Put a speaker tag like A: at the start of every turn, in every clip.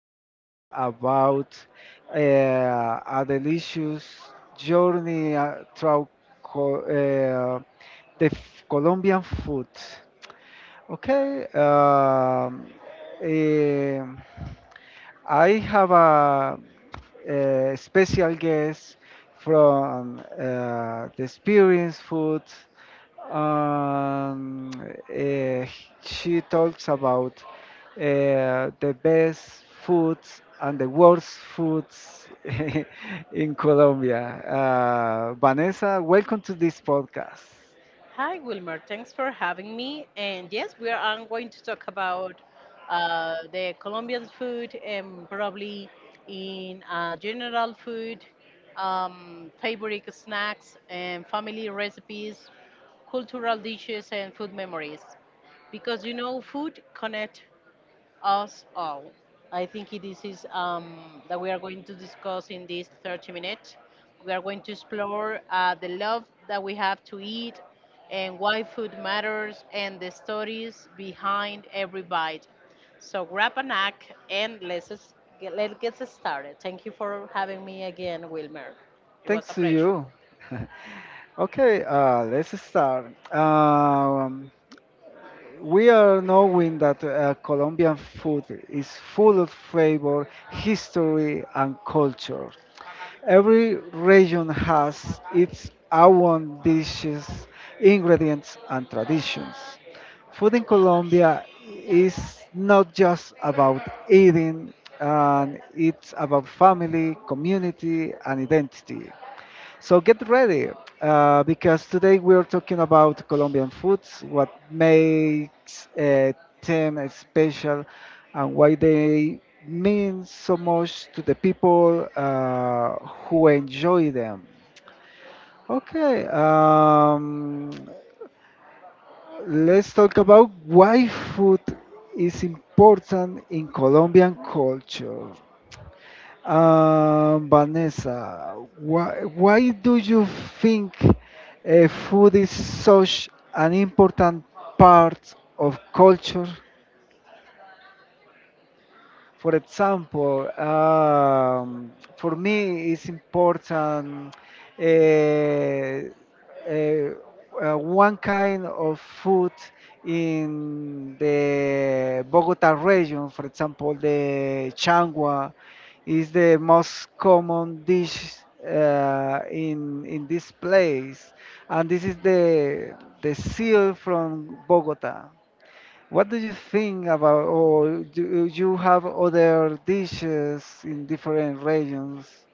A: talking about a delicious journey through co- uh, Colombian food. Okay, um, I have a special guest from the Experience Food. Um, eh, she talks about the best foods and the worst foods in Colombia. Vanessa, welcome to this podcast.
B: Hi, Wilmer. Thanks for having me. And yes, we are I'm going to talk about the Colombian food and probably in general food, favorite snacks and family recipes, cultural dishes and food memories. Because food connect us all. I think this is, that we are going to discuss in this 30 minutes. We are going to explore the love that we have to eat and why food matters and the stories behind every bite. So grab a snack and let's get started. Thank you for having me again, Wilmer. It was a
A: Thanks to
B: pleasure.
A: you. Okay, let's start. Um, we are knowing that Colombian food is full of flavor, history, and culture. Every region has its own dishes, ingredients, and traditions. Food in Colombia is not just about eating, and it's about family, community, and identity. So get ready, because today we're talking about Colombian foods, what makes them special, and why they mean so much to the people who enjoy them. Okay, let's talk about why food is important in Colombian culture. Vanessa, why do you think food is such an important part of culture? For example, for me, it's important uh, uh, one kind of food in the Bogota region, for example, the changua is the most common dish in this place, and this is the seal from Bogota. What do you think about, or do you have other dishes in different regions?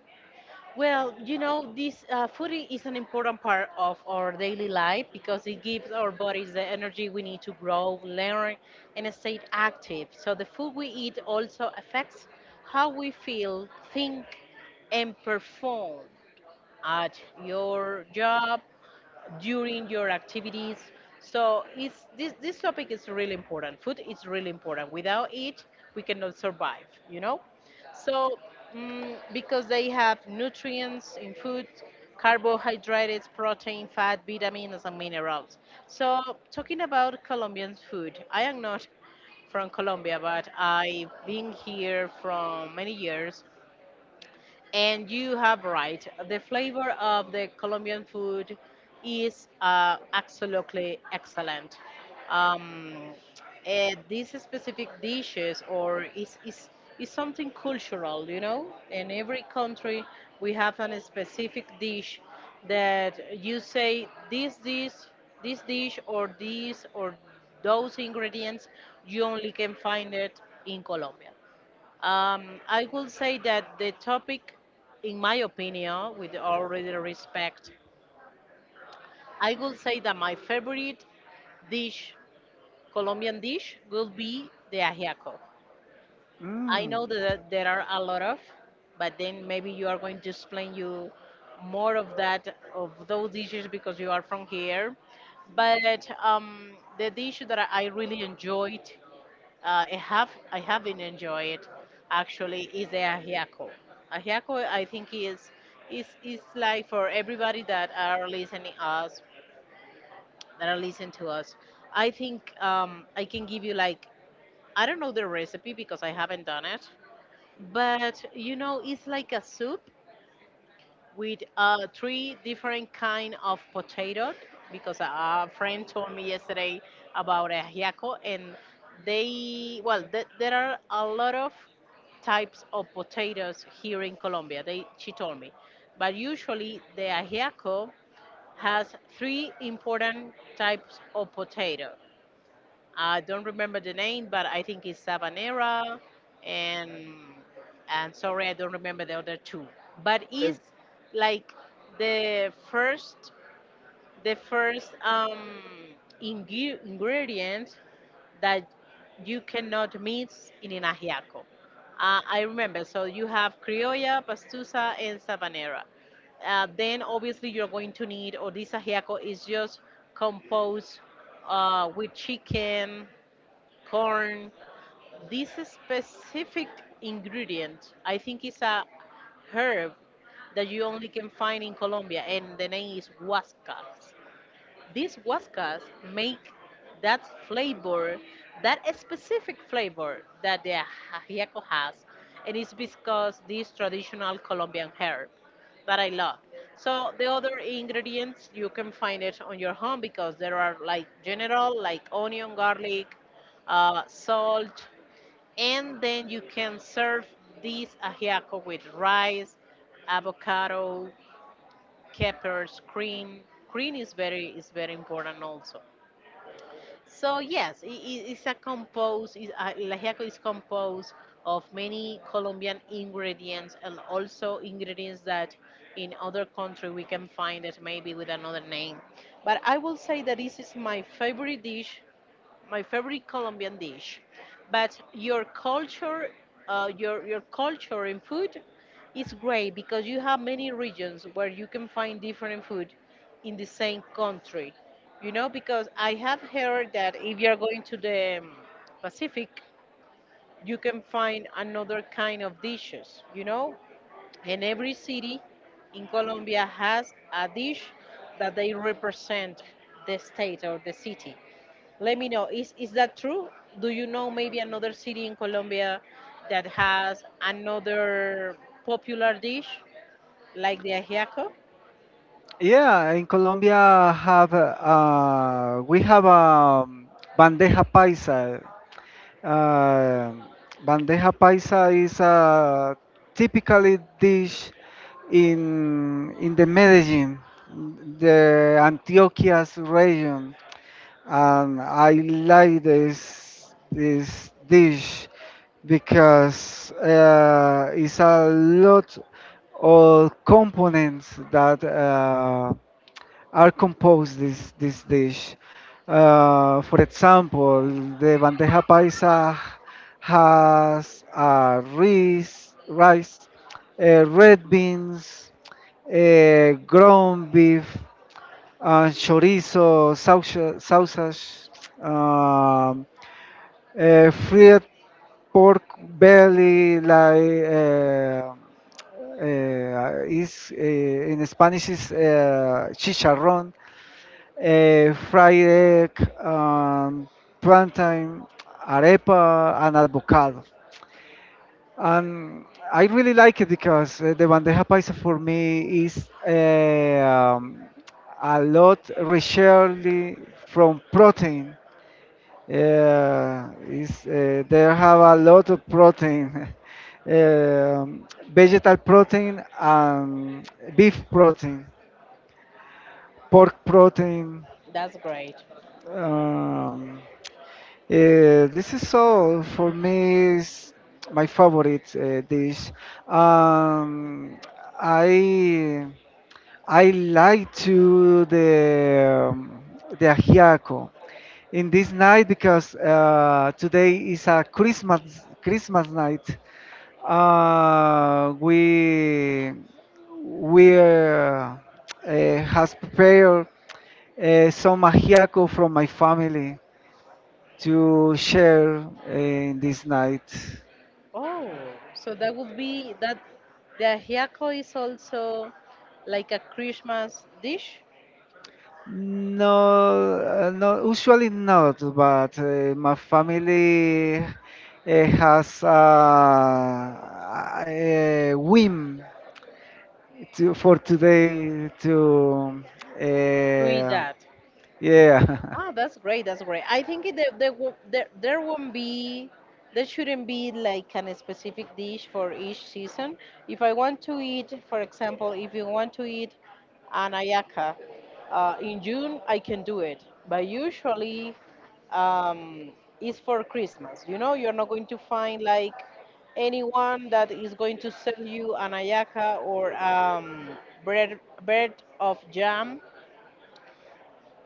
B: Well, you know, this food is an important part of our daily life because it gives our bodies the energy we need to grow, learn, and stay active. So the food we eat also affects how we feel, think, and perform at your job during your activities. So this topic is really important. Food is really important. Without it, we cannot survive, you know? So, because they have nutrients in food, carbohydrates, protein, fat, vitamins, and minerals. So, talking about Colombian food, I am not from Colombia, but I've been here from many years. And you have right. The flavor of the Colombian food is absolutely excellent. Um, these specific dishes or is something cultural, you know? In every country, we have a specific dish that you say this dish or these or those ingredients, you only can find it in Colombia. I would say that the topic, in my opinion, with all due respect, I would say that my favorite dish, Colombian dish, will be the ajiaco. I
A: Mm.
B: know that there are a lot of, but then maybe you are going to explain you more of that of those dishes because you are from here. But the dish that I really enjoyed I have been enjoy it. Actually, is a ahiako. Ahiako, I think is like for everybody that are listening us that are listening to us. I think I can give you like I don't know the recipe because I haven't done it, but you know it's like a soup with three different kind of potato because a friend told me yesterday about ajiaco and they there are a lot of types of potatoes here in Colombia they she told me but usually the ajiaco has three important types of potato.
A: Uh,
B: I don't remember the name, but I think it's Sabanera, and sorry, I don't remember the other two. But
A: Uh,
B: it's like the first, the first ingredient that you cannot mix in an ajiaco. I remember. So you have criolla, pastusa, and sabanera. Then obviously you're going to need, or this ajiaco is just composed with chicken corn. This specific ingredient, I think, is a herb that you only can find in Colombia, and the name is huascas. These waskas make that flavor, that specific flavor that the ajiaco has, and it's because this traditional Colombian herb that I love. So the other ingredients you can find it on your home because there are like general like onion, garlic, salt, and then you can serve this ajiaco with rice, avocado, Keppers, cream. Cream is very important also. So yes, it's a compose. Is, el ajiaco is composed of many Colombian ingredients and also ingredients that in other country we can find it maybe with another name. But I will say that this is my favorite Colombian dish. But your culture, your culture in food, is great because you have many regions where you can find different food in the same country. You know, because I have heard that if you are going to the Pacific, you can find another kind of dishes. You know, and every city in Colombia has a dish that they represent the state or the city. Let me know, is that true? Do you know maybe another city in Colombia that has another popular dish like the ajiaco?
A: yeah, in Colombia have we have bandeja paisa. Uh, bandeja paisa is a typically dish in the Medellin, the Antioquia's region. And I like this dish because it's a lot of components that are composed this dish. For example, the bandeja paisa has rice, red beans, ground beef, chorizo, sausage, um, fried pork belly, like is in Spanish is chicharrón, fried egg, plantain, arepa, and avocado. Um, I really like it because the bandeja paisa for me is a lot richly from protein. Is they have a lot of protein, vegetal protein and beef protein, pork protein.
B: That's great.
A: Um, this is all for me is my favorite dish. Um, I I like to the ajiaco in this night because today is a Christmas night. Uh, we we has prepared some ajiaco from my family to share in this night.
B: Oh, so that would be that the ajiaco is also like a Christmas dish
A: No, no, usually not, but my family has a whim to, for today to,
B: to eat
A: uh,
B: that.
A: yeah.
B: Ah, that's great. That's great. I think there there won't be there shouldn't be like an specific dish for each season. If I want to eat, for example, if you want to eat an ayaka in June, I can do it. But usually, um, it's for Christmas. You know, you're not going to find like anyone that is going to sell you an ayaka or bread bread of jam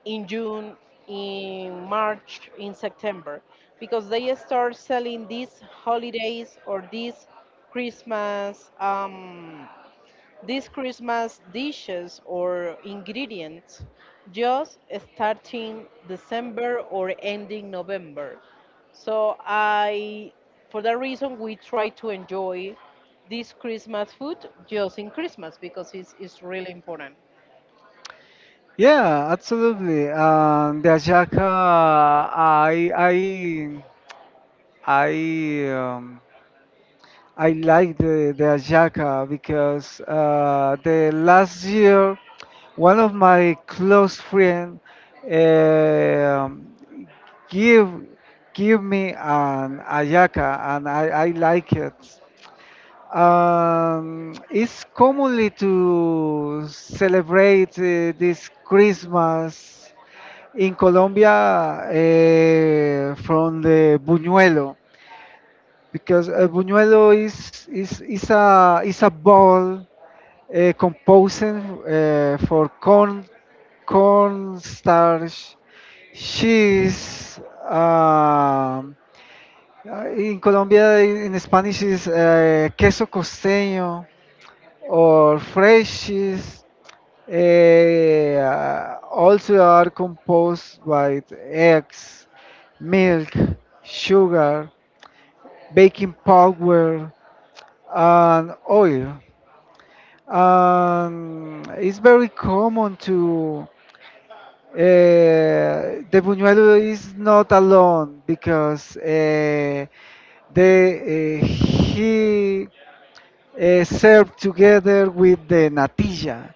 B: in June, in March, in September, because they start selling these holidays or Christmas, um, these Christmas dishes or ingredients just starting December or ending November. So I, for that reason, we try to enjoy this Christmas food just in Christmas because it's really important.
A: Yeah, absolutely. The Ajaka, I, um, I like the Ayaka because the last year, one of my close friends um give give me an Ayaka, and I like it. It's commonly to celebrate this Christmas in Colombia from the Buñuelo because Buñuelo is is a ball composing for corn starch, cheese. um, in Colombia in Spanish is queso costeño or fresh cheese. Also are composed by eggs, milk, sugar, baking powder, and oil. And it's very common to the Buñuelo is not alone because they he served together with the natilla.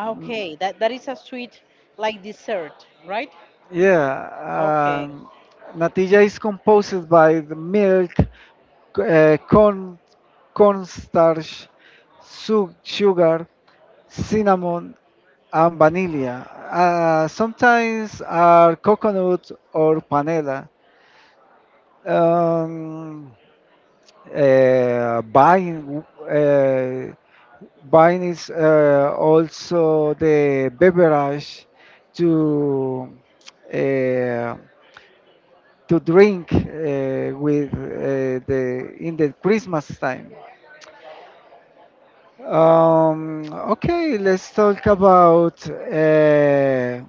B: Okay, that that is a sweet like dessert, right?
A: Yeah,
B: Okay.
A: natilla is composed by the milk, corn, cornstarch, sugar, cinnamon, and vanilla. Sometimes are coconut or panela. Um, uh, buying, uh, buying is also the beverage to uh, to drink with the in the Christmas time. Um, okay, let's talk about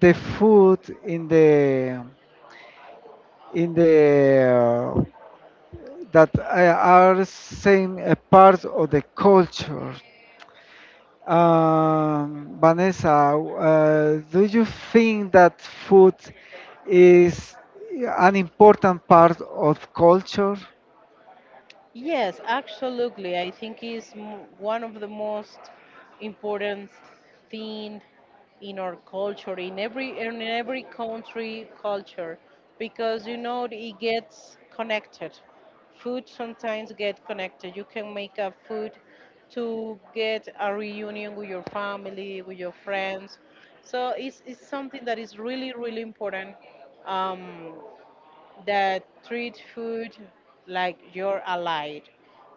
A: the food in the that are same a part of the culture. Vanessa, do you think that food is an important part of culture?
B: Yes, absolutely. I think one of the most important thing in our culture, in every country culture, because you know it gets connected. Food sometimes get connected. You can make a food to get a reunion with your family, with your friends. So it's something that is really really important. Um, that treat food like you're allied.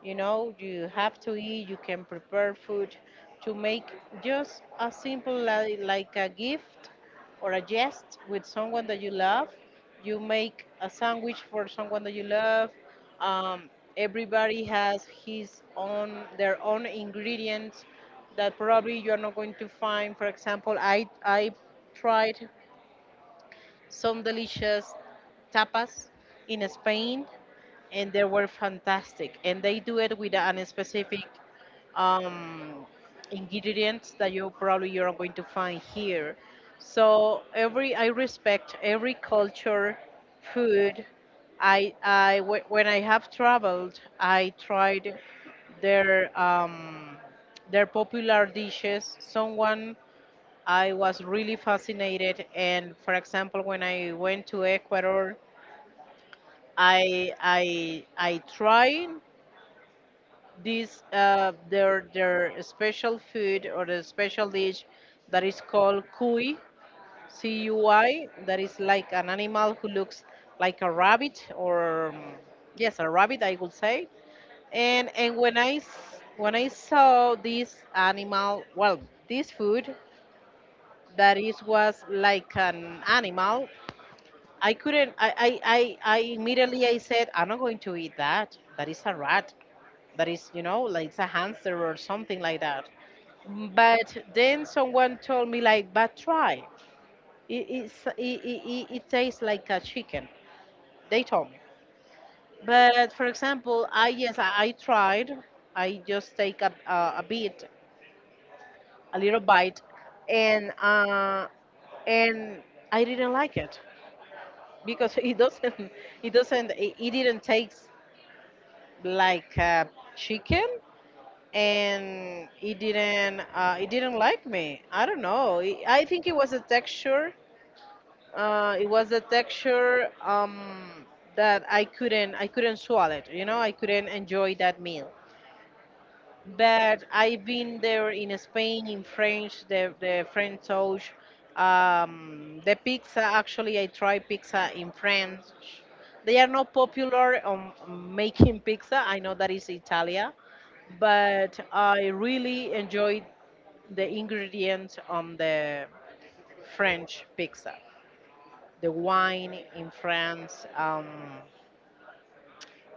B: You know, you have to eat, you can prepare food to make just a simple like a gift or a jest with someone that you love. You make a sandwich for someone that you love. Um, everybody has his own their own ingredients that probably you're not going to find. For example, I tried some delicious tapas in Spain, and they were fantastic. And they do it with an specific um, ingredients that you're not going to find here. So every I respect every culture, food. When I have traveled, I tried their um, their popular dishes. Someone I was really fascinated. And for example, when I went to Ecuador, I tried this their special food or the special dish that is called cuy, C U I. That is like an animal who looks like a rabbit or yes, a rabbit I would say. And when when I saw this animal, well, this food that is was like an animal I couldn't. I immediately I said, I'm not going to eat that. That is a rat. That is, you know, like it's a hamster or something like that. But then someone told me like, but try. It, it's, it tastes like a chicken. They told me. But for example, I yes, I tried. I just take a bit, a little bite, and and I didn't like it because it doesn't it didn't taste like chicken and it didn't like me. I don't know I think it was a texture it was a texture that I couldn't swallow it, you know. I couldn't enjoy that meal, but I've been there in Spain, in French, the French sauce. The pizza, actually I tried pizza in France. They are not popular on making pizza. I know that is Italia, but I really enjoyed the ingredients on the French pizza. The wine in France,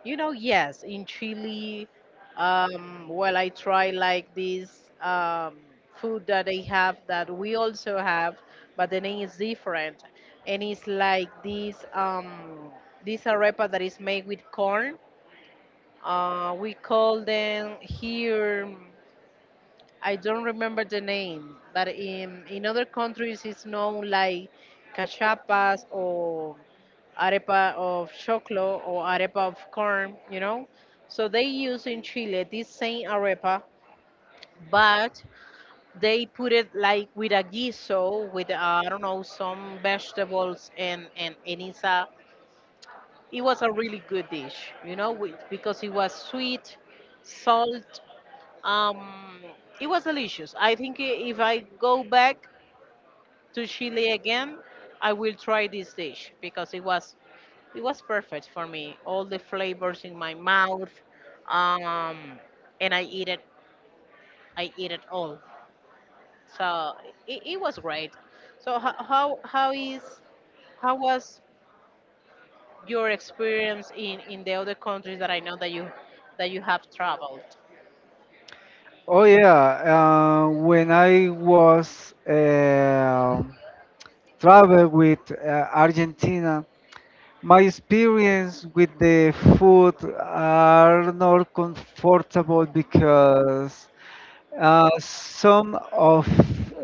B: you know, yes, in Chile. Well, I try like this food that they have that we also have, but the name is different, and it's like this this arepa that is made with corn. We call them here. I don't remember the name, but in other countries it's known like cachapas or arepa of choclo or arepa of corn, you know. So they use in Chile this same arepa, but they put it like with a guiso, with I don't know some vegetables and it's it was a really good dish, you know, with, because it was sweet, salt, um, it was delicious. I think if I go back to Chile again, I will try this dish because it was perfect for me. All the flavors in my mouth, um, and I eat it. I eat it all. So it was great. So how is how was your experience in the other countries that I know that you have traveled?
A: Oh yeah, when I was travel with Argentina, my experience with the food are not comfortable because some of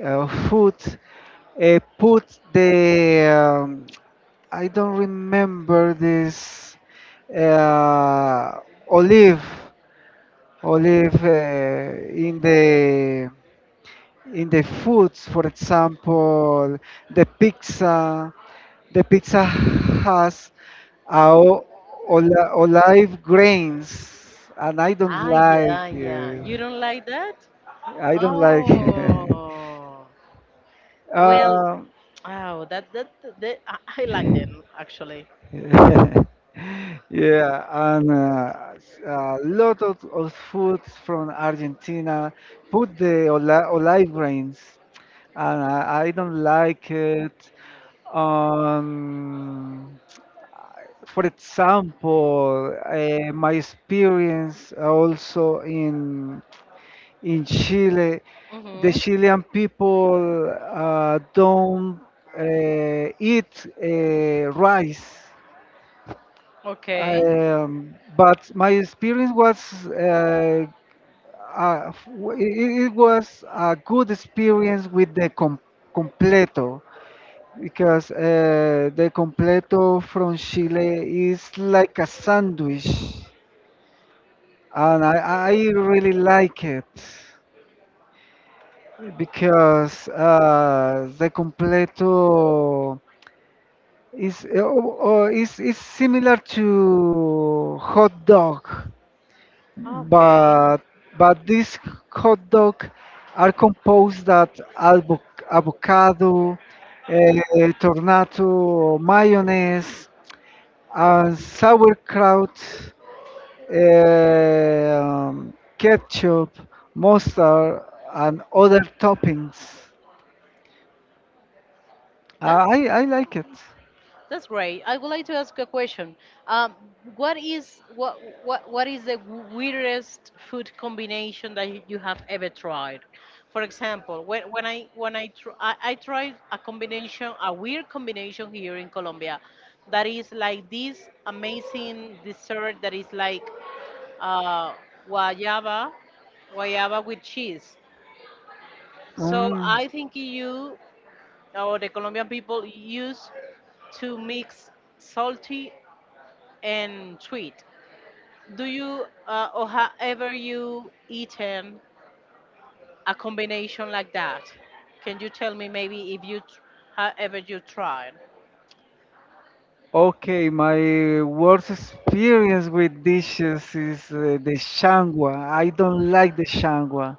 A: food put the um, I don't remember this uh, olive olive in the foods, for example, the pizza. The pizza has uh, o- olive grains, and I don't
B: Ah,
A: like.
B: yeah, yeah. You don't like that?
A: I don't like.
B: Oh. Well,
A: Um,
B: oh, that I like them actually.
A: yeah, and a lot of foods from Argentina put the olive grains, and I don't like it. Um, for example, my experience also in Chile, the
B: Hmm.
A: Chilean people don't eat rice.
B: Okay.
A: But my experience was uh, it, it was a good experience with the completo because the completo from Chile is like a sandwich and I really like it because the completo is is similar to hot dog,
B: Okay.
A: but but these hot dog are composed that avocado, tornado, mayonnaise, and sauerkraut, ketchup, mustard, and other toppings.
B: That's
A: I like it.
B: that's great. I would like to ask a question. Um, what is what is the weirdest food combination that you have ever tried? For example, when I tried a combination, a weird combination here in Colombia, that is like this amazing dessert that is like uh, guayaba, guayaba, with cheese. So
A: Mm.
B: I think you or the Colombian people use to mix salty and sweet. Do you or have ever you eaten a combination like that? Can you tell me maybe if have ever you tried?
A: Okay, my worst experience with dishes is the shangwa. I don't like the shangwa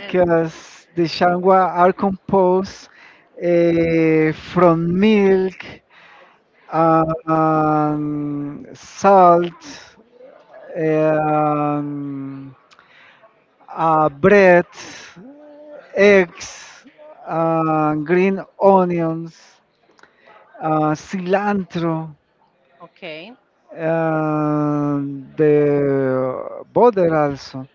B: And
A: the shangwa are composed from milk, salt, um, bread, eggs, green onions, cilantro,
B: okay,
A: and the butter also.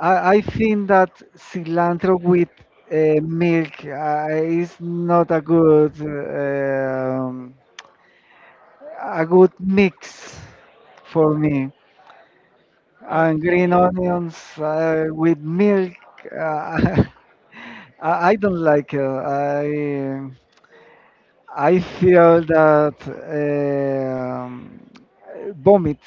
A: I think that cilantro with milk is not a good a good mix for me. And green
B: okay.
A: onions with milk, uh, I don't like it. I feel that um, vomit.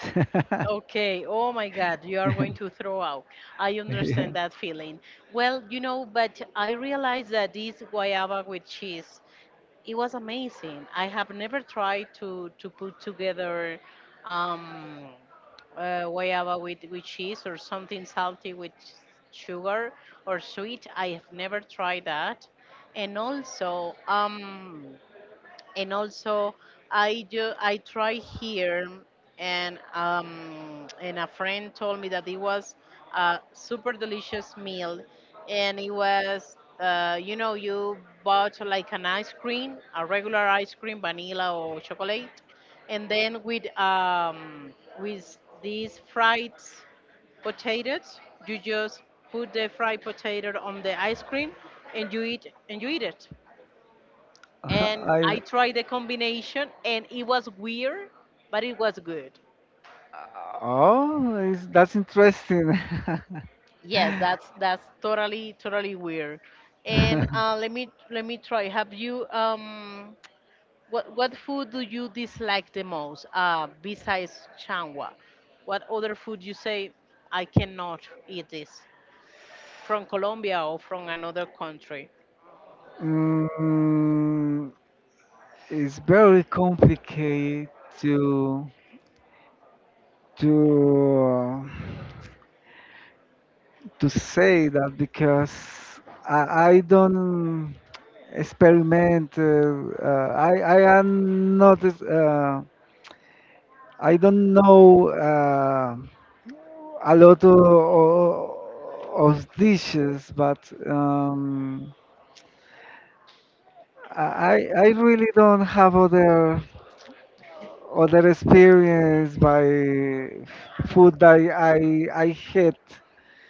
B: Okay, oh my God, you are going to throw out. I
A: Yeah.
B: understand that feeling. Well, you know, but I realized that this guayaba with cheese, it was amazing. I have never tried to put together um, guayaba with cheese or something salty with sugar or sweet. I have never tried that. And also, and also I tried here and a friend told me that it was a super delicious meal and it was you know you bought like an ice cream a regular ice cream vanilla or chocolate and then with these fried potatoes you just put the fried potato on the ice cream and you eat it and
A: I,
B: I tried the combination, and it was weird, but it was good.
A: oh, is that's interesting.
B: Yes, that's totally weird. And let me try. Have you what food do you dislike the most? Besides changua, what other food you say I cannot eat this from Colombia or from another country?
A: Mm, it's very complicated to to to say that because I don't experiment. I am not. I don't know a lot of dishes, but I really don't have other experience by food that I hate.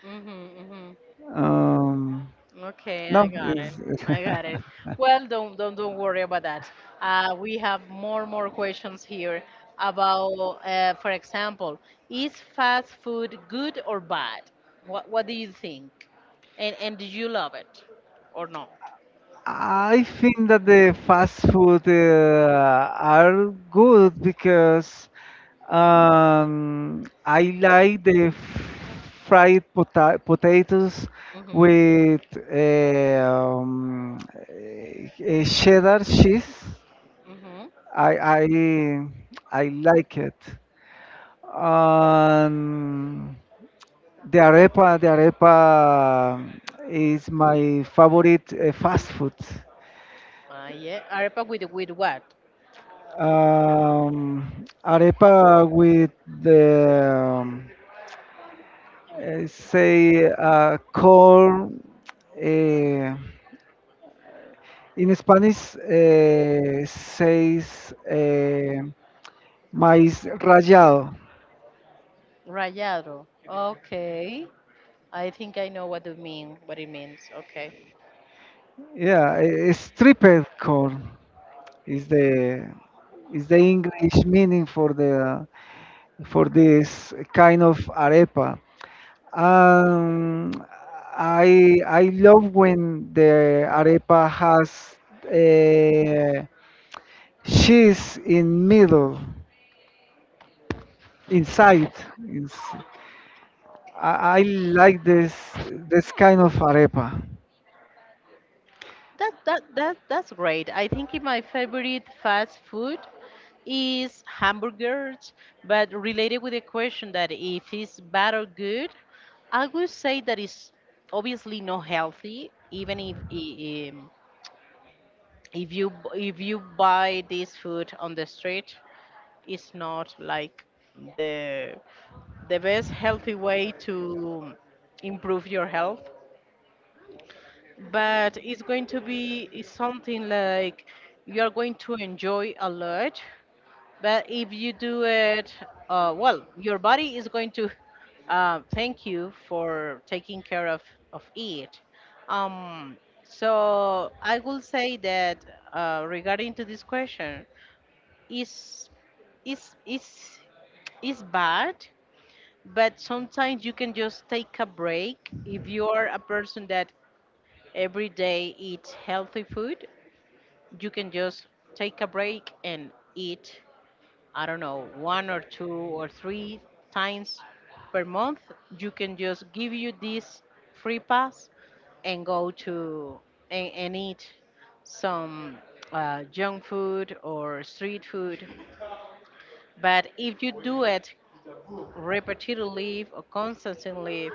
B: Mm-hmm, mm-hmm.
A: Um,
B: Okay, I
A: no,
B: got it.
A: it's
B: I got it. Well, don't worry about that. We have more questions here about, for example, is fast food good or bad? What do you think? And do you love it or not?
A: I think that the fast food are good because I like the fried potatoes
B: Mhm.
A: with eh, um, cheddar cheese.
B: Mhm.
A: I I I like it. Um, the arepa is my favorite fast food.
B: Ah, yeah. Arepa with what?
A: Um, arepa with the say corn, eh, in Spanish says maíz rallado.
B: Rayado. Okay. I think I know what you mean. What it means. Okay.
A: Yeah, stripped corn is the English meaning for the for this kind of arepa. Um, I love when the arepa has uh, cheese in middle inside. It's, I like this kind of arepa.
B: That's great. I think in my favorite fast food is hamburgers, but related with the question that if it's bad or good, I would say that it's obviously not healthy, even if if you buy this food on the street, it's not like the the best healthy way to improve your health. But it's going to be it's something like you're going to enjoy a lot, but if you do it well your body is going to thank you for taking care of it. um, so I will say that regarding to this question is is is is bad, but sometimes you can just take a break if you are a person that every day eat healthy food, you can just take a break and eat, I don't know, one or two or three times per month. You can just give you this free pass and go to and eat some junk food or street food. But if you do it repetitively or constantly,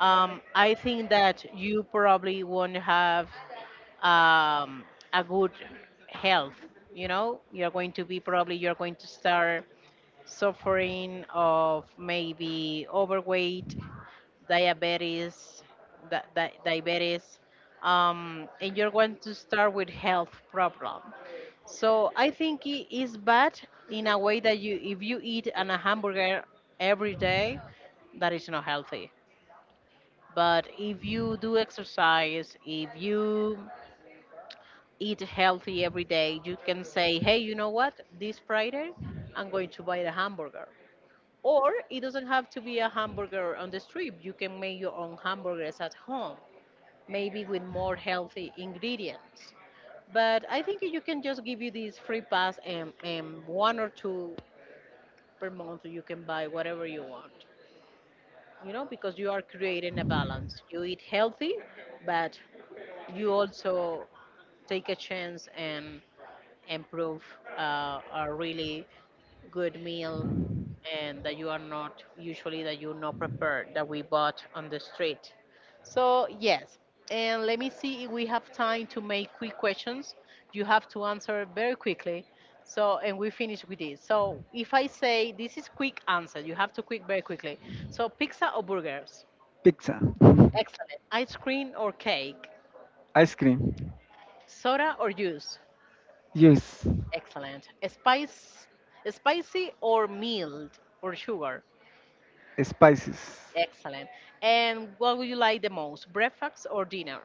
B: I think that you probably won't have um, a good health. You know, you're going to be probably you're going to start suffering of maybe overweight, diabetes, diabetes. And you're going to start with health problem, so I think it is bad in a way that you if you eat an, a hamburger every day, that is not healthy. But if you do exercise, if you eat healthy every day. You can say, hey, you know what? This Friday, I'm going to buy a hamburger. Or it doesn't have to be a hamburger on the street. You can make your own hamburgers at home, maybe with more healthy ingredients. But I think you can just give you this free pass and one or two per month you can buy whatever you want. You know, because you are creating a balance. You eat healthy, but you also take a chance and improve a really good meal and that you are not usually that you not prepared that we bought on the street. So yes, and let me see if we have time to make quick questions. You have to answer very quickly. So and we finish with this. So if I say this is quick answer, you have to quick very quickly. So pizza or burgers?
A: Pizza.
B: Excellent. Ice cream or cake?
A: Ice cream.
B: Soda or juice?
A: Yes.
B: Excellent. Spice, spicy or mild or sugar?
A: Spices.
B: Excellent. And what would you like the most, breakfast or dinner?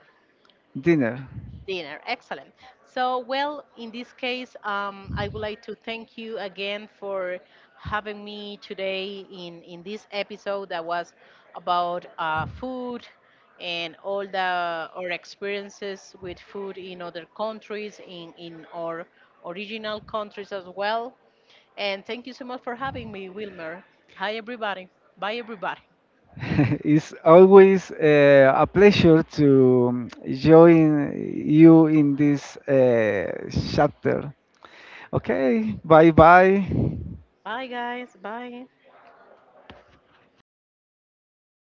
A: Dinner.
B: Dinner. Excellent. So, well, in this case, I would like to thank you again for having me today in this episode that was about food and all the our experiences with food in other countries, in our original countries as well. And thank you so much for having me, Wilmer. Hi, everybody. Bye, everybody.
A: It's always a pleasure to join you in this chapter. Okay, bye bye.
B: Bye, guys. Bye.